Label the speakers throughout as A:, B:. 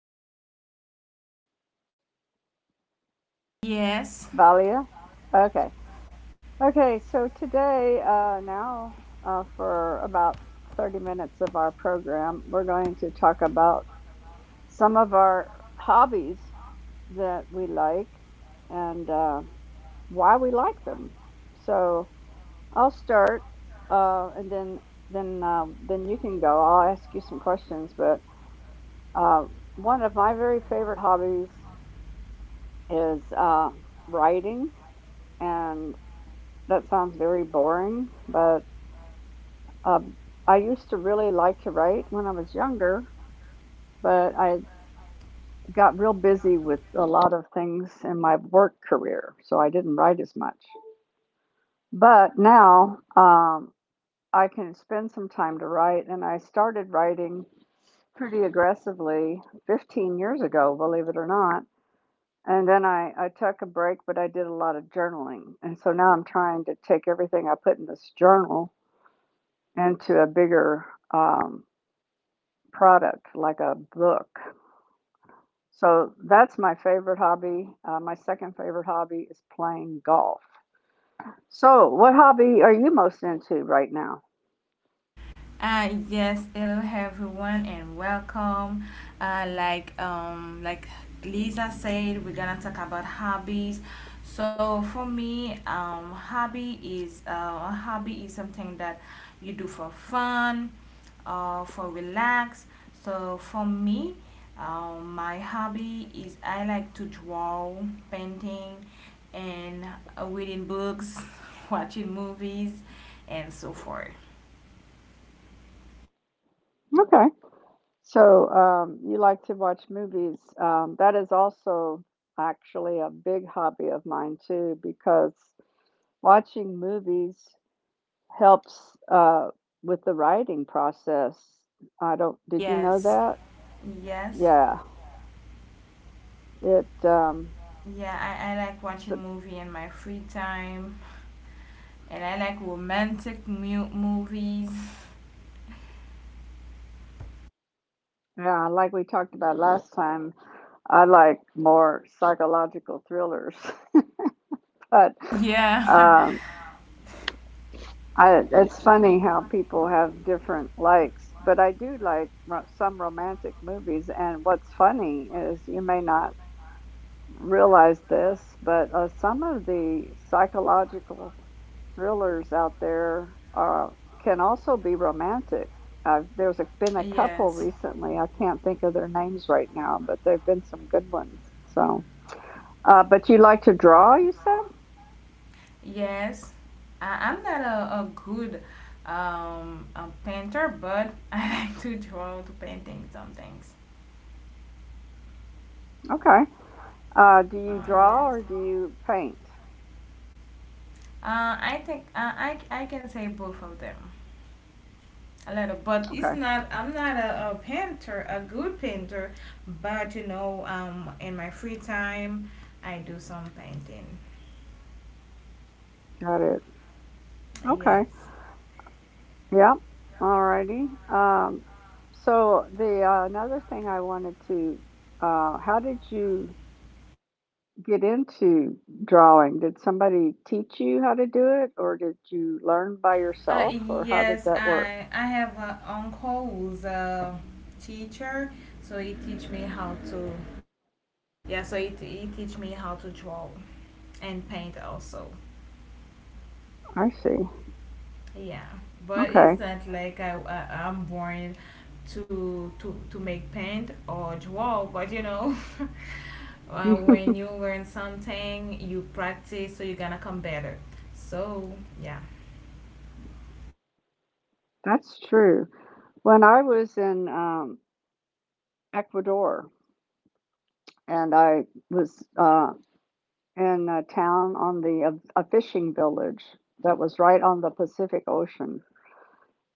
A: Valia,
B: Yes,
A: Valia. Okay, okay. So today, now for about 30 minutes of our program, we're going to talk about some of our hobbies that we like and why we like them. So I'll start, and then you can go. I'll ask you some questions. But uh, One of my very favorite hobbies is writing and that sounds very boring, but um, I used to really like to write when I was younger, but I got real busy with a lot of things in my work career, so I didn't write as much. But now I can spend some time to write, and I started writing pretty aggressively 15 years ago, believe it or not. And then I took a break, but I did a lot of journaling. And so now I'm trying to take everything I put in this journal into a bigger um, product like a book. So that's my favorite hobby. My second favorite hobby is playing golf. So, what hobby are you most into right now?
B: yes. Hello, everyone, and welcome. Like Lisa said, we're gonna talk about hobbies. So for me, hobby is a hobby is something that you do for fun, or for relax. So for me, my hobby is I like to draw, painting, and reading books, watching movies, and so forth.
A: Okay. So, you like to watch movies. That is also actually a big hobby of mine, too, because watching movies helps with the writing process. I don't, did you know
B: Yes,
A: that?
B: yes.
A: Yeah. It, um,
B: Yeah, I like watching
A: So,
B: movie in my free time, and I like romantic movies.
A: yeah, like we talked about last time, I like more psychological thrillers, but
B: Yeah,
A: um, I, it's funny how people have different likes. But I do like some romantic movies, and what's funny is you may not realize this, but some of the psychological thrillers out there can also be romantic. There's been a couple
B: yes,
A: recently. I can't think of their names right now, but there've been some good ones. So, but you like to draw, you said?
B: yes. I'm not a good a painter, but I like to draw, to painting some things.
A: Okay. Do you draw
B: Yes.
A: or do you paint?
B: I think, I can say both of them. A little, but it's
A: Okay,
B: not, I'm not a painter, a good painter. But in my free time, I do some painting.
A: got it. Okay.
B: Yes.
A: Yeah. Alrighty. Um, so the another thing I wanted to, How did you get into drawing? Did somebody teach you how to do it, or did you learn by
B: uh
A: yourself, or how did
B: yes
A: that work?
B: I have an uncle who's a teacher, so he teach me how to. Yeah, so he teach me how to draw and paint also.
A: I see.
B: Yeah, but it's
A: Okay.
B: not like I'm born to make paint or draw. But when you learn something, you practice, so you're gonna come better. So yeah.
A: That's true. When I was in Ecuador and I was in a town on a fishing village that was right on the Pacific Ocean,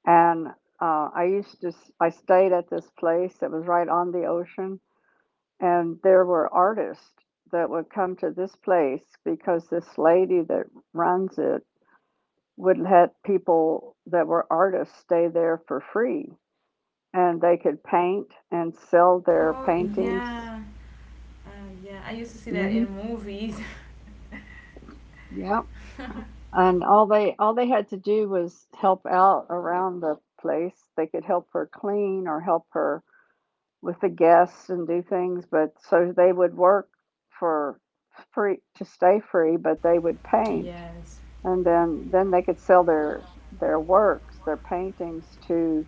A: and I used to s- I stayed at this place that was right on the ocean, and there were artists that would come to this place because this lady that runs it would let people that were artists stay there for free, and they could paint and sell their
B: Oh
A: paintings.
B: yeah, yeah. I used to see that
A: Hmm.
B: in movies.
A: Yep. And all they had to do was help out around the place. They could help her clean or help her with the guests and do things, but so they would work for free to stay free, but they would paint
B: Yes,
A: and then they could sell their works, their paintings to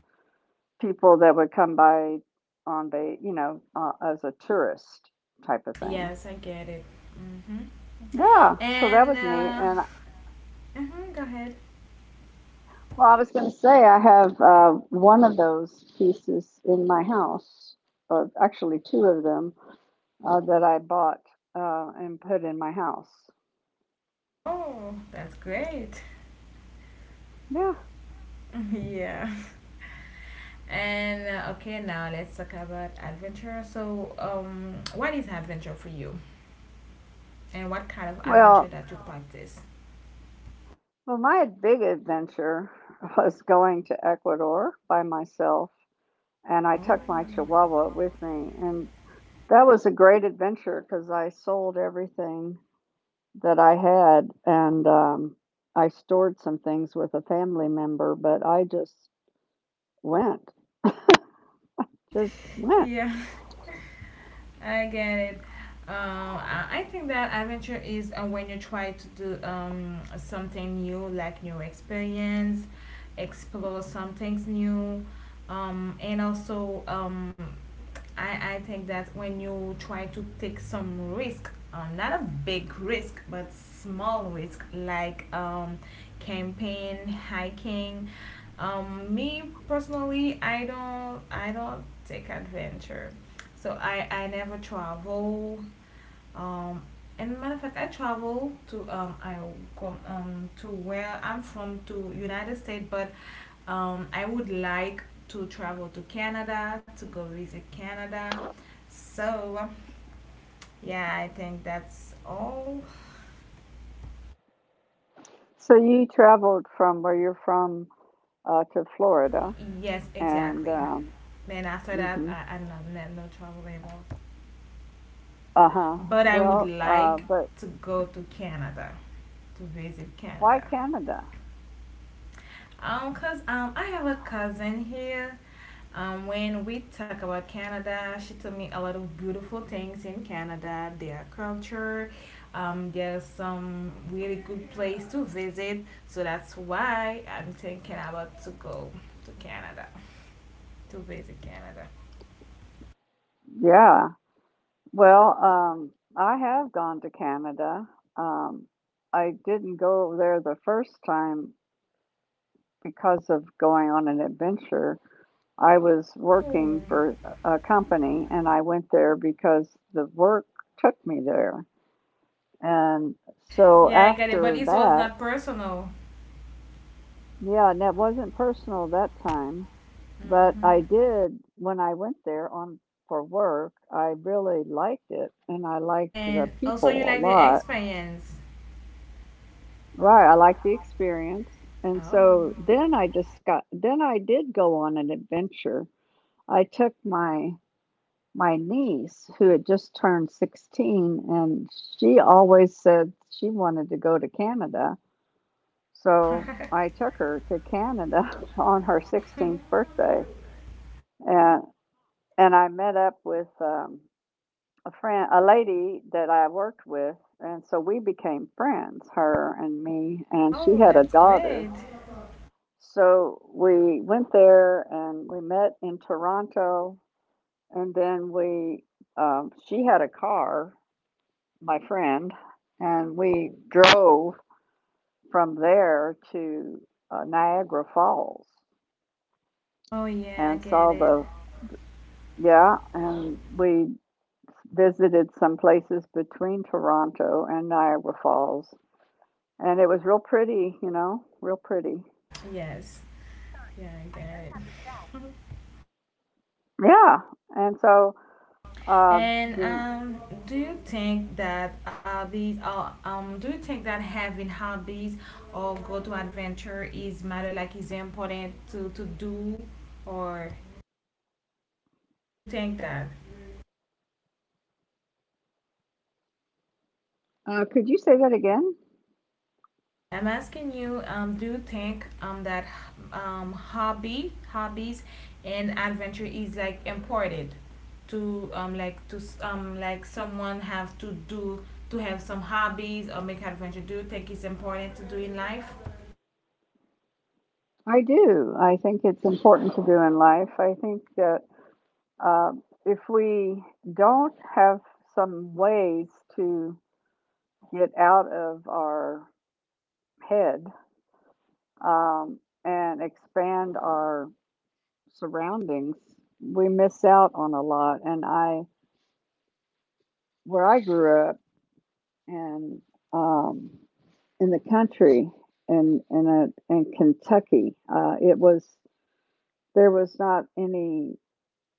A: people that would come by on ba you know, as a tourist type of thing.
B: yes, I get it. Hmm.
A: Yeah, so that
B: And
A: was neat and
B: mhm, go ahead.
A: well, I was going to say I have one of those pieces in my house, or actually two of them that I bought and put in my house.
B: Oh, that's great.
A: Yeah.
B: Yeah. And okay, now let's talk about adventure. So, what is adventure for you, and what kind of adventure
A: Well,
B: that you practice?
A: well, my big adventure was going to Ecuador by myself, and I took my
B: Oh.
A: Chihuahua with me, and that was a great adventure because I sold everything that I had, and I stored some things with a family member, but I just went, just went.
B: Yeah. I get it. Um, I think that adventure is, when you try to do something new, like new experience, explore some things new. And also, I think that when you try to take some risk, not a big risk, but small risk, like camping, hiking. Me personally, I don't take adventure. So I never travel. Um, and matter of fact, I come to where I'm from to United States, but I would like to travel to Canada to go visit Canada. So yeah, I think that's all.
A: So you traveled from where you're from to Florida,
B: Yes,
A: and
B: exactly. Then after that,
A: hmm,
B: I no travel anymore.
A: uh huh.
B: But I would
A: Well,
B: like
A: but
B: to go to Canada to visit
A: Why
B: Canada.
A: Canada?
B: Cause I have a cousin here. When we talk about Canada, she told me a lot of beautiful things in Canada, their culture. There's some really good place to visit, so that's why I'm thinking about to go to Canada to visit Canada.
A: Yeah. Well, I have gone to Canada. Um, I didn't go there the first time because of going on an adventure. I was
B: Oh.
A: working for a company and I went there because the work took me there. And so
B: Yeah, I got it, but
A: after
B: it was
A: that,
B: not personal.
A: yeah, and it wasn't personal that time. But
B: Mhm.
A: I did when I went there on for work, I really liked it and I liked the
B: And also, you
A: people a
B: like the
A: lot.
B: experience.
A: Right, I liked the experience. And
B: Oh,
A: so then I just got then I did go on an adventure. I took my niece who had just turned 16 and she always said she wanted to go to Canada. So I took her to Canada on her 16th birthday and I met up with a friend, a lady that I worked with, and so we became friends, her and me, and she
B: oh,
A: had a
B: that's great.
A: daughter. So we went there and we met in Toronto, and then she had a car, my friend, and we drove from there to Niagara Falls
B: Oh yeah, I
A: and
B: get it.
A: yeah, and we visited some places between Toronto and Niagara Falls and it was real pretty, you know, real pretty.
B: Yes. Yeah, I get it.
A: Yeah, and so, uh,
B: And
A: do
B: do you think that having hobbies or go to adventure is matter, like, is important to do, or you think that?
A: Could you say that again?
B: I'm asking you, do you think that hobby hobbies and adventure is like important to like to like someone have to do to have some hobbies or make adventure? Do you think it's important to do in life?
A: I do. I think it's important to do in life. I think that uh, if we don't have some ways to get out of our head um, and expand our surroundings, we miss out on a lot. And I, where I grew up, and um, in the country and in Kentucky. It was There was not any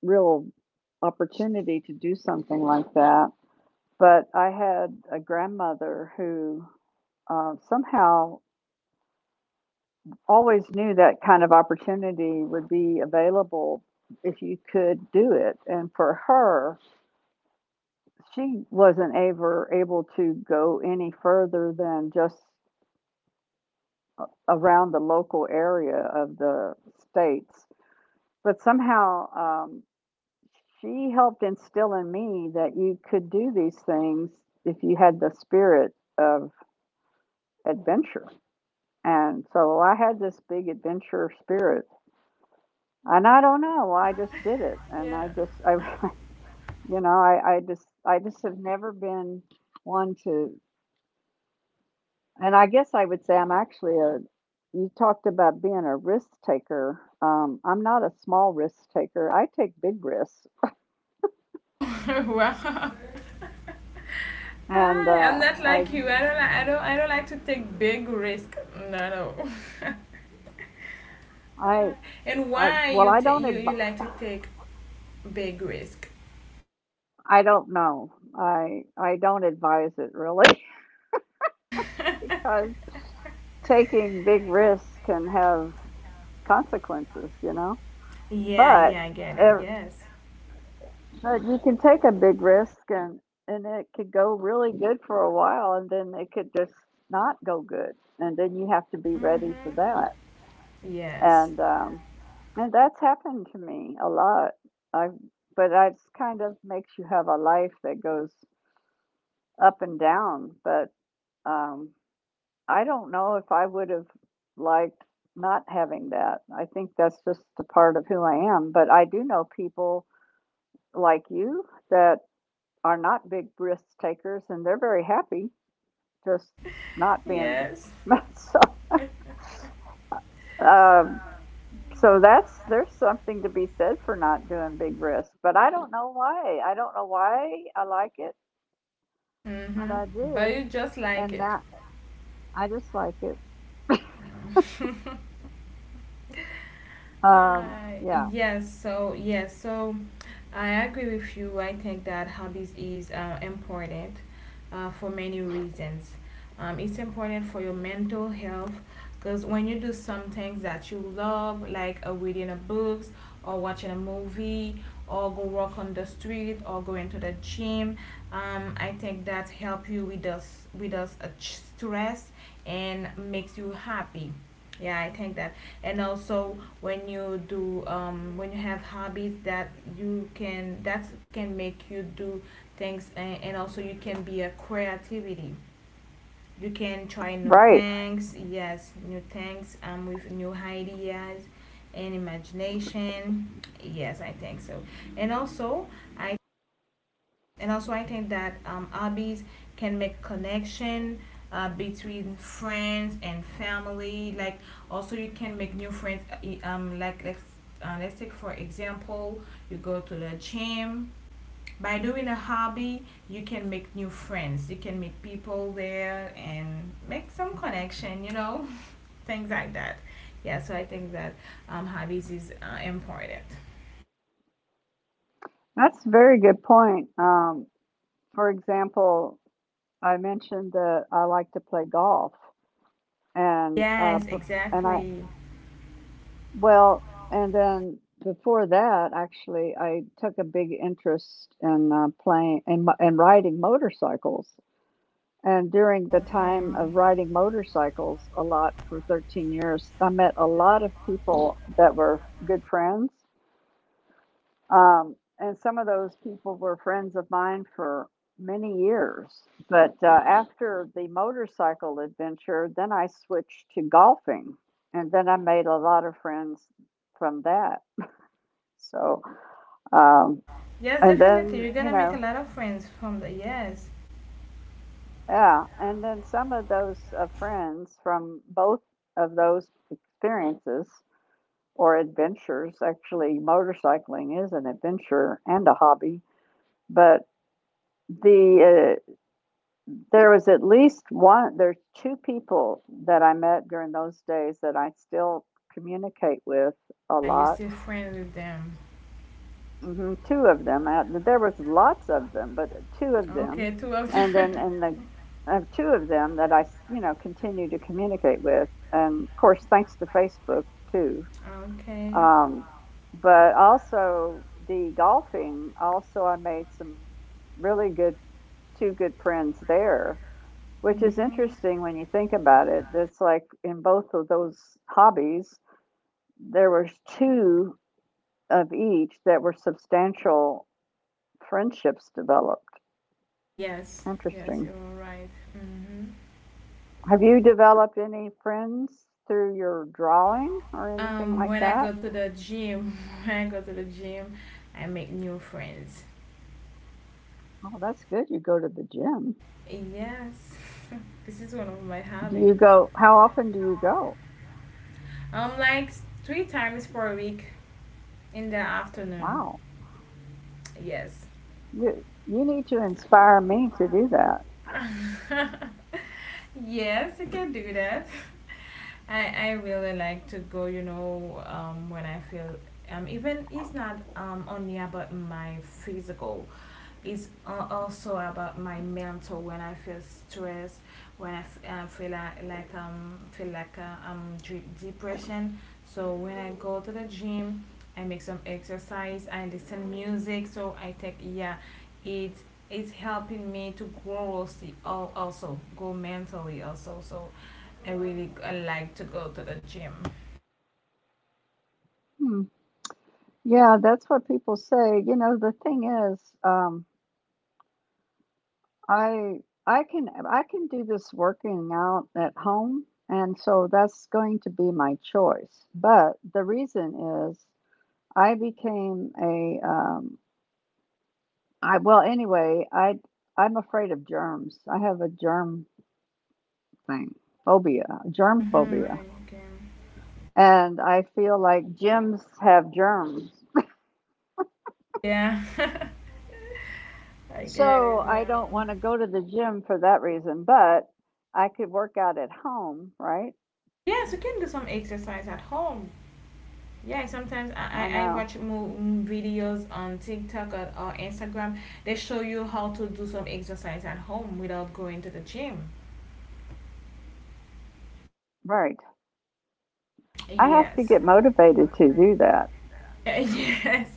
A: real opportunity to do something like that. But I had a grandmother who somehow always knew that kind of opportunity would be available if you could do it. And for her, she wasn't ever able to go any further than just around the local area of the states but somehow she helped instill in me that you could do these things if you had the spirit of adventure. And so I had this big adventure spirit, and I don't know, well, I just did it, and
B: Yeah.
A: you know, I just have never been one to, and I guess I would say I'm actually a. You talked about being a risk taker. I'm not a small risk taker. I take big risks,
B: Wow.
A: and
B: Hi, I'm not
A: I
B: like you. I don't like. I don't. I don't like to take big risk. No, no.
A: I
B: Hi. And
A: I
B: why
A: well,
B: you ta- you you like to take big risk?
A: I don't know. I don't advise it really because taking big risks can have consequences, you know.
B: Yeah,
A: But
B: yeah, I get it.
A: ev-
B: Yes.
A: but you can take a big risk and it could go really good for a while and then it could just not go good and then you have to be ready for
B: Mhm.
A: that.
B: Yes.
A: And um and that's happened to me a lot. I But that's kind of makes you have a life that goes up and down, but um, I don't know if I would have liked not having that. I think that's just a part of who I am. But I do know people like you that are not big risk takers and they're very happy just not being.
B: Yes.
A: so um so that's there's something to be said for not doing big risk, but I don't know why, I don't know why I like it, but
B: Mhm.
A: I
B: But
A: did,
B: you just like
A: and
B: it.
A: that I just like it, yeah.
B: Yes, so I agree with you. I think that hobbies is, important, for many reasons. It's important for your mental health, because when you do some things that you love, like reading a books or watching a movie or go walk on the street or going to the gym, I think that help you with us stress and makes you happy. Yeah, I think that. And also, when you have hobbies that can make you do things. And also, you can be a creativity. You can try new
A: Right.
B: things, yes, new things, with new ideas and imagination. Yes, I think so. and also i and also, I think that hobbies can make connection, between friends and family. Like, also, you can make new friends. Like, let's take, for example, you go to the gym. By doing a hobby, you can make new friends. You can meet people there and make some connection. Things like that. Yeah. So I think that hobbies is, important.
A: That's a very good point. For example, I mentioned that I like to play golf, and
B: Yes,
A: b- and I
B: exactly.
A: well, and then before that, actually, I took a big interest in in riding motorcycles. And during the
B: Okay.
A: time of riding motorcycles, a lot for 13 years, I met a lot of people that were good friends. And some of those people were friends of mine for many years. But After the motorcycle adventure, then I switched to golfing. And then I made a lot of friends from that. So, um,
B: Yes, definitely. You're
A: you
B: gonna make a
A: know,
B: lot of friends from the, yes.
A: yeah. And then some of those friends from both of those experiences or adventures, actually, motorcycling is an adventure and a hobby. But the There was at least one, there's two people that I met during those days that I still communicate with a
B: Yeah, you're
A: lot.
B: still friends with them.
A: Hmm. Two of them. I, there was lots of them, but two of them,
B: Okay, two of
A: and
B: them.
A: then and the two of them that you know continue to communicate with, and of course thanks to Facebook too.
B: Okay.
A: Um, but also the golfing. Also, I made some really good two good friends there, which is
B: Mm-hmm.
A: interesting when you think about it. That's like in both of those hobbies, there were two of each that were substantial friendships developed.
B: Yes, yes,
A: Interesting.
B: you're right. Mm-hmm.
A: Have you developed any friends through your drawing or anything like
B: When I
A: that?
B: go to the gym, When I go to the gym, I make new friends.
A: Oh, that's good. You go to the gym.
B: Yes, this is one of my
A: Do you
B: habits.
A: go? How often do you go?
B: Like, three times per week in the afternoon.
A: Wow.
B: Yes.
A: You need to inspire me to do that.
B: Yes, you can do that. I really like to go, when I feel, even it's not only about my physical, it's also about my mental, when I feel stressed, when I feel like depression. So when I go to the gym, I make some exercise. I listen music. So I think, yeah, it is helping me to grow also, also go mentally also. So I really I like to go to the gym.
A: Hmm. Yeah, that's what people say. You know, the thing is, I I can do this working out at home, and so that's going to be my choice. But the reason is I became a I well anyway I I'm afraid of germs. I have a germ thing phobia, germ
B: Mm-hmm.
A: phobia, and I feel like gyms have germs.
B: Yeah, I get
A: So
B: it.
A: I
B: Yeah.
A: don't want to go to the gym for that reason, but I could work out at home, right?
B: Yes, you can do some exercise at home. Yeah, sometimes I,
A: I
B: I, I
A: know,
B: watch more videos on TikTok, or Instagram. They show you how to do some exercise at home without going to the gym.
A: right. I have to
B: Yes.
A: get motivated to do that.
B: Yes,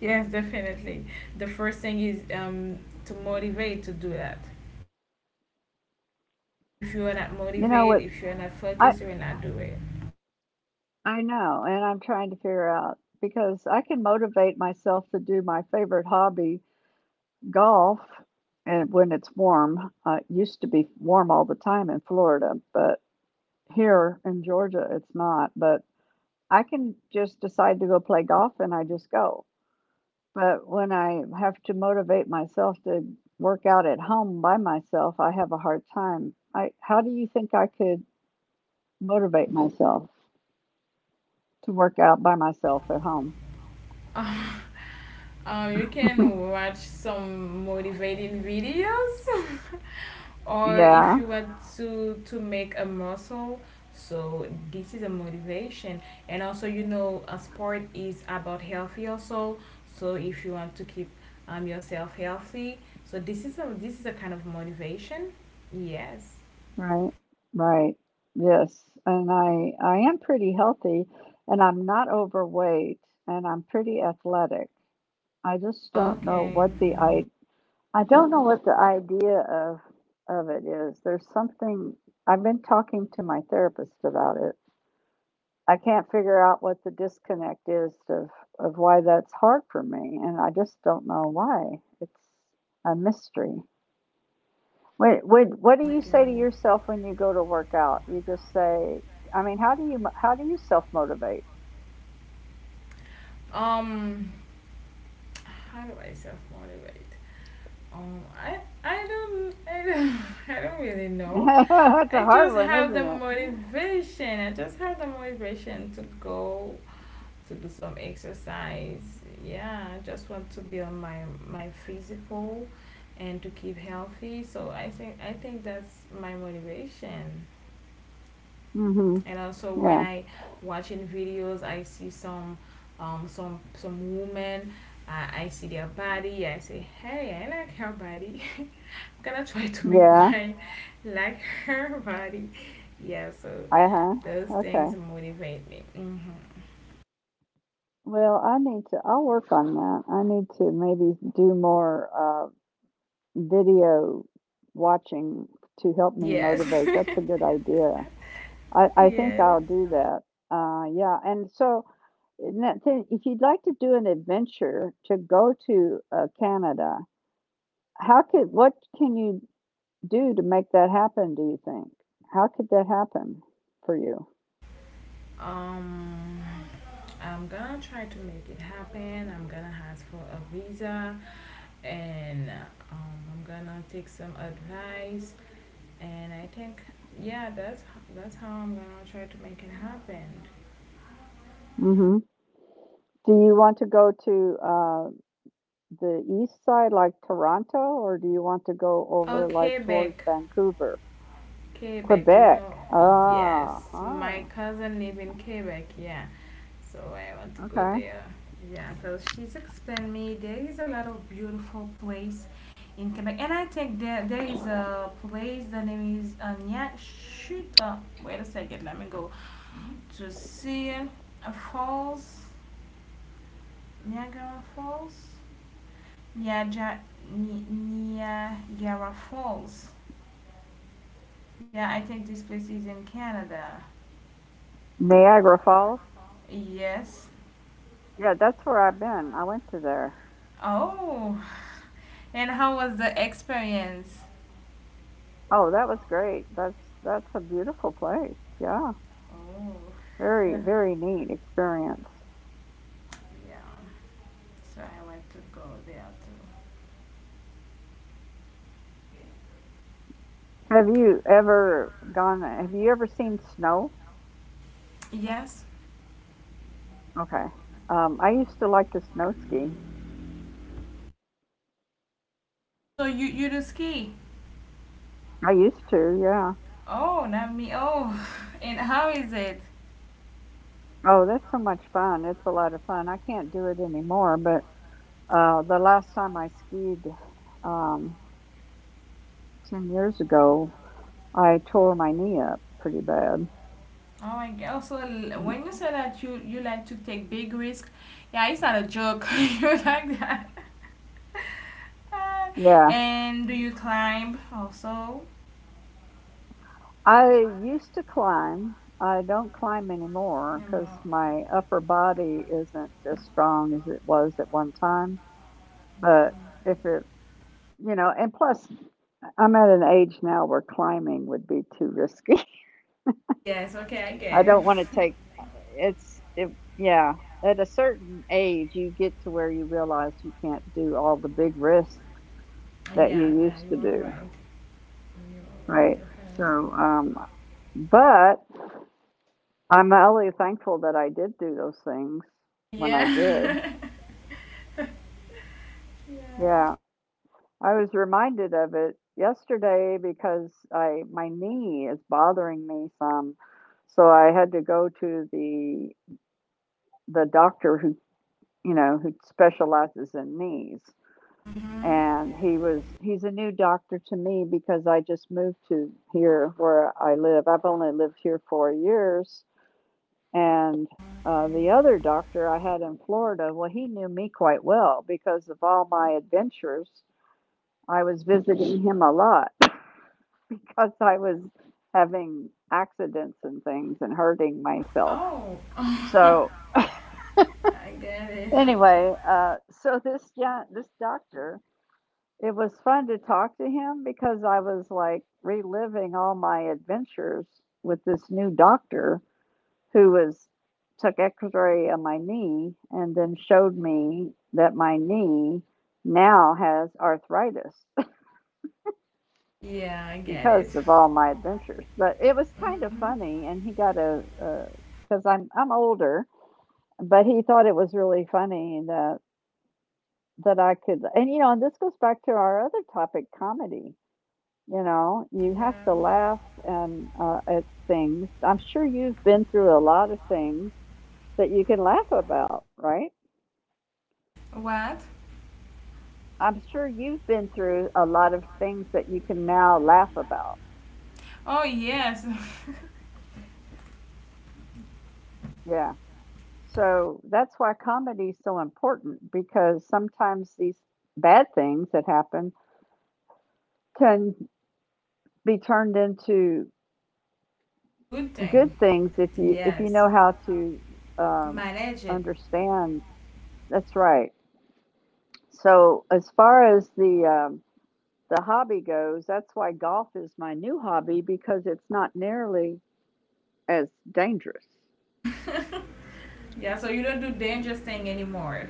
B: yes, definitely. The first thing is, to motivate to do that. If you are not
A: You know
B: motivated,
A: what?
B: if you are not
A: I
B: focused, you will not do it.
A: I know, and I'm trying to figure out because I can motivate myself to do my favorite hobby, golf, and when it's warm. It used to be warm all the time in Florida, but here in Georgia it's not. But I can just decide to go play golf and I just go. But when I have to motivate myself to work out at home by myself, I have a hard time. I How do you think I could motivate myself to work out by myself at home?
B: You can watch some motivating videos, or
A: Yeah,
B: if you want to make a muscle. So this is a motivation, and also, you know, a sport is about healthy also. So if you want to keep, yourself healthy, so this is a kind of motivation. Yes.
A: right, right. Yes, and I am pretty healthy, and I'm not overweight, and I'm pretty athletic. I just don't know
B: Okay.
A: what the I don't know what the idea of it is. There's something. I've been talking to my therapist about it. I can't figure out what the disconnect is of why that's hard for me, and I just don't know why. It's a mystery. What do you
B: Okay.
A: say to yourself when you go to work out? You just say, I mean, how do you how do you self motivate?
B: Um, how do I self motivate? Um, I I don't I don't really know.
A: That's a
B: I
A: hard
B: just
A: one,
B: have
A: isn't
B: the
A: it?
B: motivation. I just have the motivation to go to do some exercise. Yeah, I just want to build my physical and to keep healthy. So I think that's my motivation.
A: Mhm.
B: And also, when
A: Yeah.
B: I watching videos, I see some, some women. I see their body. I say, hey, I like her body. Gonna try to make
A: Yeah.
B: mine like her body. Yeah, so
A: Uh
B: those
A: huh. Okay.
B: things motivate me. Mm-hmm.
A: Well, I need to. I'll work on that. I need to maybe do more video watching to help me
B: Yes,
A: motivate. That's a good idea. I I think
B: yes.
A: I'll do that. Yeah. And that thing, if you'd like to do an adventure to go to, Canada, how could what can you do to make that happen, do you think? How could that happen for you?
B: Um, I'm gonna try to make it happen. I'm gonna ask for a visa, and I'm gonna take some advice. And I think, yeah, that's how I'm gonna try to make it happen.
A: Mhm. Do you want to go to, the east side, like Toronto, or do you want to go over, like,
B: Okay,
A: towards
B: Beck.
A: Vancouver?
B: Quebec, do you
A: Quebec.
B: know? Yes,
A: Ah,
B: my
A: huh,
B: cousin live in Quebec. Yeah, so I want to go
A: okay.
B: there. Yeah, because she's explained me there is a lot of beautiful place in Quebec, and I think there is a place, the name is Anya. Shoot, wait a second, let me go to see a falls, Niagara Falls. Yeah, Niagara Falls. Yeah, I think this place is in Canada.
A: Niagara Falls?
B: Yes.
A: Yeah, that's where I've been. I went to there.
B: Oh, and how was the experience?
A: Oh, that was great. That's a beautiful place. Yeah.
B: Oh,
A: Very,
B: yeah.
A: very neat experience.
B: So I want to go there too.
A: Have you ever seen snow?
B: Yes.
A: Okay. I used to like to snow ski.
B: So you do ski?
A: I used to, yeah.
B: Oh, not me. Oh, and how is it?
A: Oh, that's so much fun. It's a lot of fun. I can't do it anymore, but the last time I skied um, 10 years ago, I tore my knee up pretty bad.
B: Oh my god. Also,
A: And
B: when you said that you like to take big risk, yeah, it's not a joke. You like that.
A: yeah,
B: And do you climb also?
A: I used to climb. I don't climb anymore
B: Um,
A: because my upper body isn't as strong as it was at one time. But if it, you know, and plus I'm at an age now where climbing would be too risky.
B: Yes. Okay, I
A: I
B: get it.
A: don't want to take it's, it, yeah. At a certain age, you get to where you realize you can't do all the big risks that you
B: Yeah, yeah,
A: used to
B: you are
A: do,
B: right. You
A: right?
B: are
A: So,
B: right.
A: um, but I'm really thankful that I did do those things when I did.
B: Yeah. Yeah.
A: Yeah. I was reminded of it yesterday because I my knee is bothering me some. So I had to go to the doctor who, you know, who specializes in knees.
B: Hmm.
A: And he's a new doctor to me because I just moved to here where I live. I've only lived here 4 years. And
B: Okay.
A: the other doctor I had in Florida, well, he knew me quite well because of all my adventures. I was visiting him a lot because I was having accidents and things and hurting myself.
B: Oh,
A: So
B: I get it.
A: anyway, so this this doctor, it was fun to talk to him because I was like reliving all my adventures with this new doctor who was took x-ray of my knee and then showed me that my knee now has arthritis
B: Yeah, I get
A: because
B: it.
A: of all my adventures. But it was kind of
B: Mm-hmm.
A: funny, and he got a, because I'm older, but he thought it was really funny that I could, and you know, and this goes back to our other topic, comedy. You know, you have
B: Yeah.
A: to laugh and at things. I'm sure you've been through a lot of things that you can laugh about, right?
B: What?
A: I'm sure you've been through a lot of things that you can now laugh about.
B: Oh, yes.
A: Yeah. So that's why comedy is so important because sometimes these bad things that happen can be turned into
B: Good thing.
A: good things if you
B: Yes.
A: know how to um,
B: Manage it.
A: understand. That's right. So as far as the hobby goes, that's why golf is my new hobby because it's not nearly as dangerous.
B: Yeah, so you don't do dangerous thing anymore.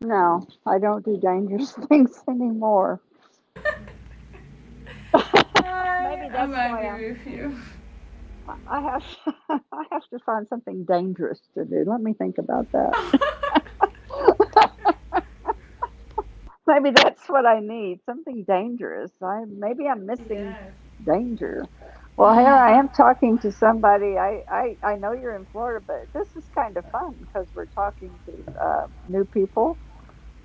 A: No, I don't do dangerous things anymore.
B: I
A: Maybe
B: am
A: that's why I'm.
B: agree with you.
A: I have I have to find something dangerous to do. Let me think about that. Maybe that's what I need. Something dangerous. I maybe I'm missing
B: Yes.
A: danger. Well, here I am talking to somebody. I know you're in Florida, but this is kind of fun because we're talking to new people,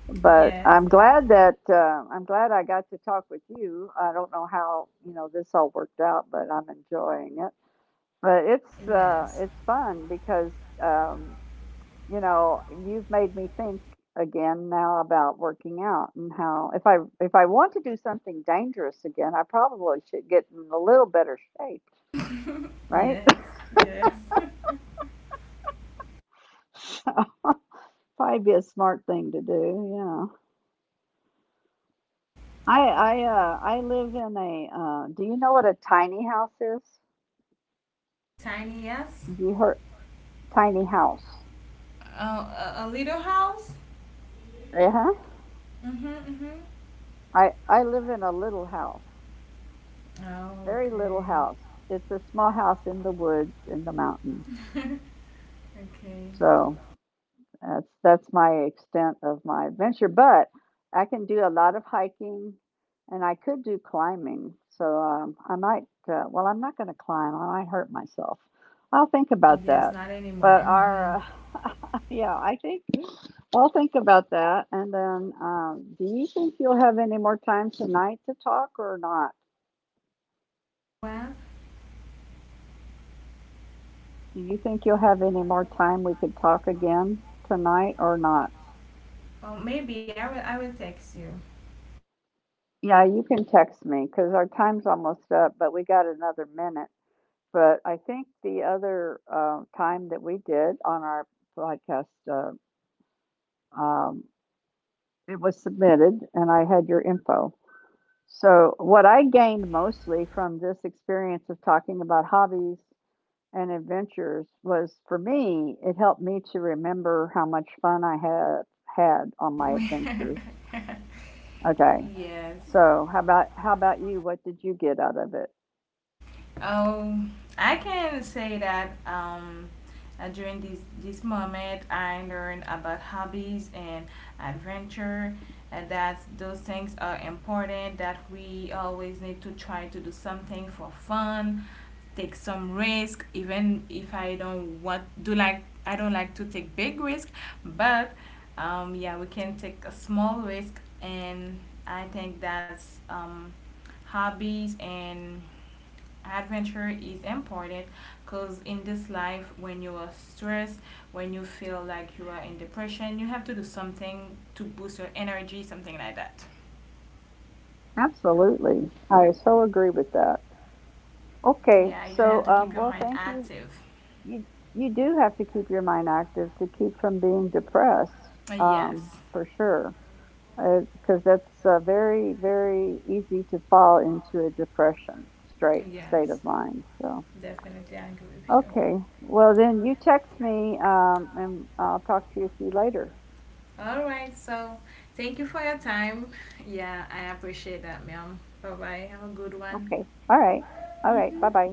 A: but
B: Yes.
A: I'm
B: Yeah.
A: glad that I'm glad I got to talk with you. I don't know how you know this all worked out, but I'm enjoying it. But
B: Yes.
A: it's fun because um, you know you've made me think again now about working out and how if I want to do something dangerous again, I probably should get in a little better shape, right?
B: Yes. Yes.
A: So probably be a smart thing to do. Yeah. I live in a do you know what a tiny house is?
B: Tiny, yes.
A: You heard tiny house.
B: Oh, a little house.
A: Uh-huh.
B: Mhm. Mhm.
A: I live in a little house,
B: Oh,
A: very little
B: okay.
A: house. It's a small house in the woods in the mountains.
B: Okay.
A: So that's my extent of my adventure. But I can do a lot of hiking, and I could do climbing. So I might. Well, I'm not going to climb. I might hurt myself. I'll think about that.
B: Yes, not
A: But
B: anymore.
A: our
B: Hmm.
A: yeah, I think I'll think about that. And then, do you think you'll have any more time tonight to talk or not?
B: Well,
A: Do you think you'll have any more time we could talk again tonight or not?
B: well, maybe I will. I will text you.
A: Yeah, you can text me because our time's almost up, but we got another minute. But I think the other time that we did on our podcast, uh, um, it was submitted and I had your info. So, what I gained mostly from this experience of talking about hobbies and adventures was for me, it helped me to remember how much fun I had had on my adventures. Okay.
B: Yes.
A: So, how about you? What did you get out of it?
B: Um, I can say that, during this moment, I learned about hobbies and adventure, and that those things are important. That we always need to try to do something for fun, take some risk, even if I don't want do, like, I don't like to take big risk. But yeah, we can take a small risk. And I think that's, hobbies and adventure is important, because in this life, when you are stressed, when you feel like you are in depression, you have to do something to boost your energy, something like that.
A: Absolutely. I so agree with that. Okay.
B: Yeah, you have
A: So,
B: to keep your
A: well,
B: mind
A: thank you.
B: active.
A: You you do have to keep your mind active to keep from being depressed,
B: Yes,
A: for sure, because that's very very easy to fall into a depression straight state
B: yes.
A: of mind. So.
B: Definitely, I agree with you.
A: Okay. Well, then you text me, and I'll talk to you. See you later.
B: All right, so thank you for your time. Yeah, I appreciate that, ma'am. Bye bye. Have a good one.
A: Okay. All right. All right. Bye bye.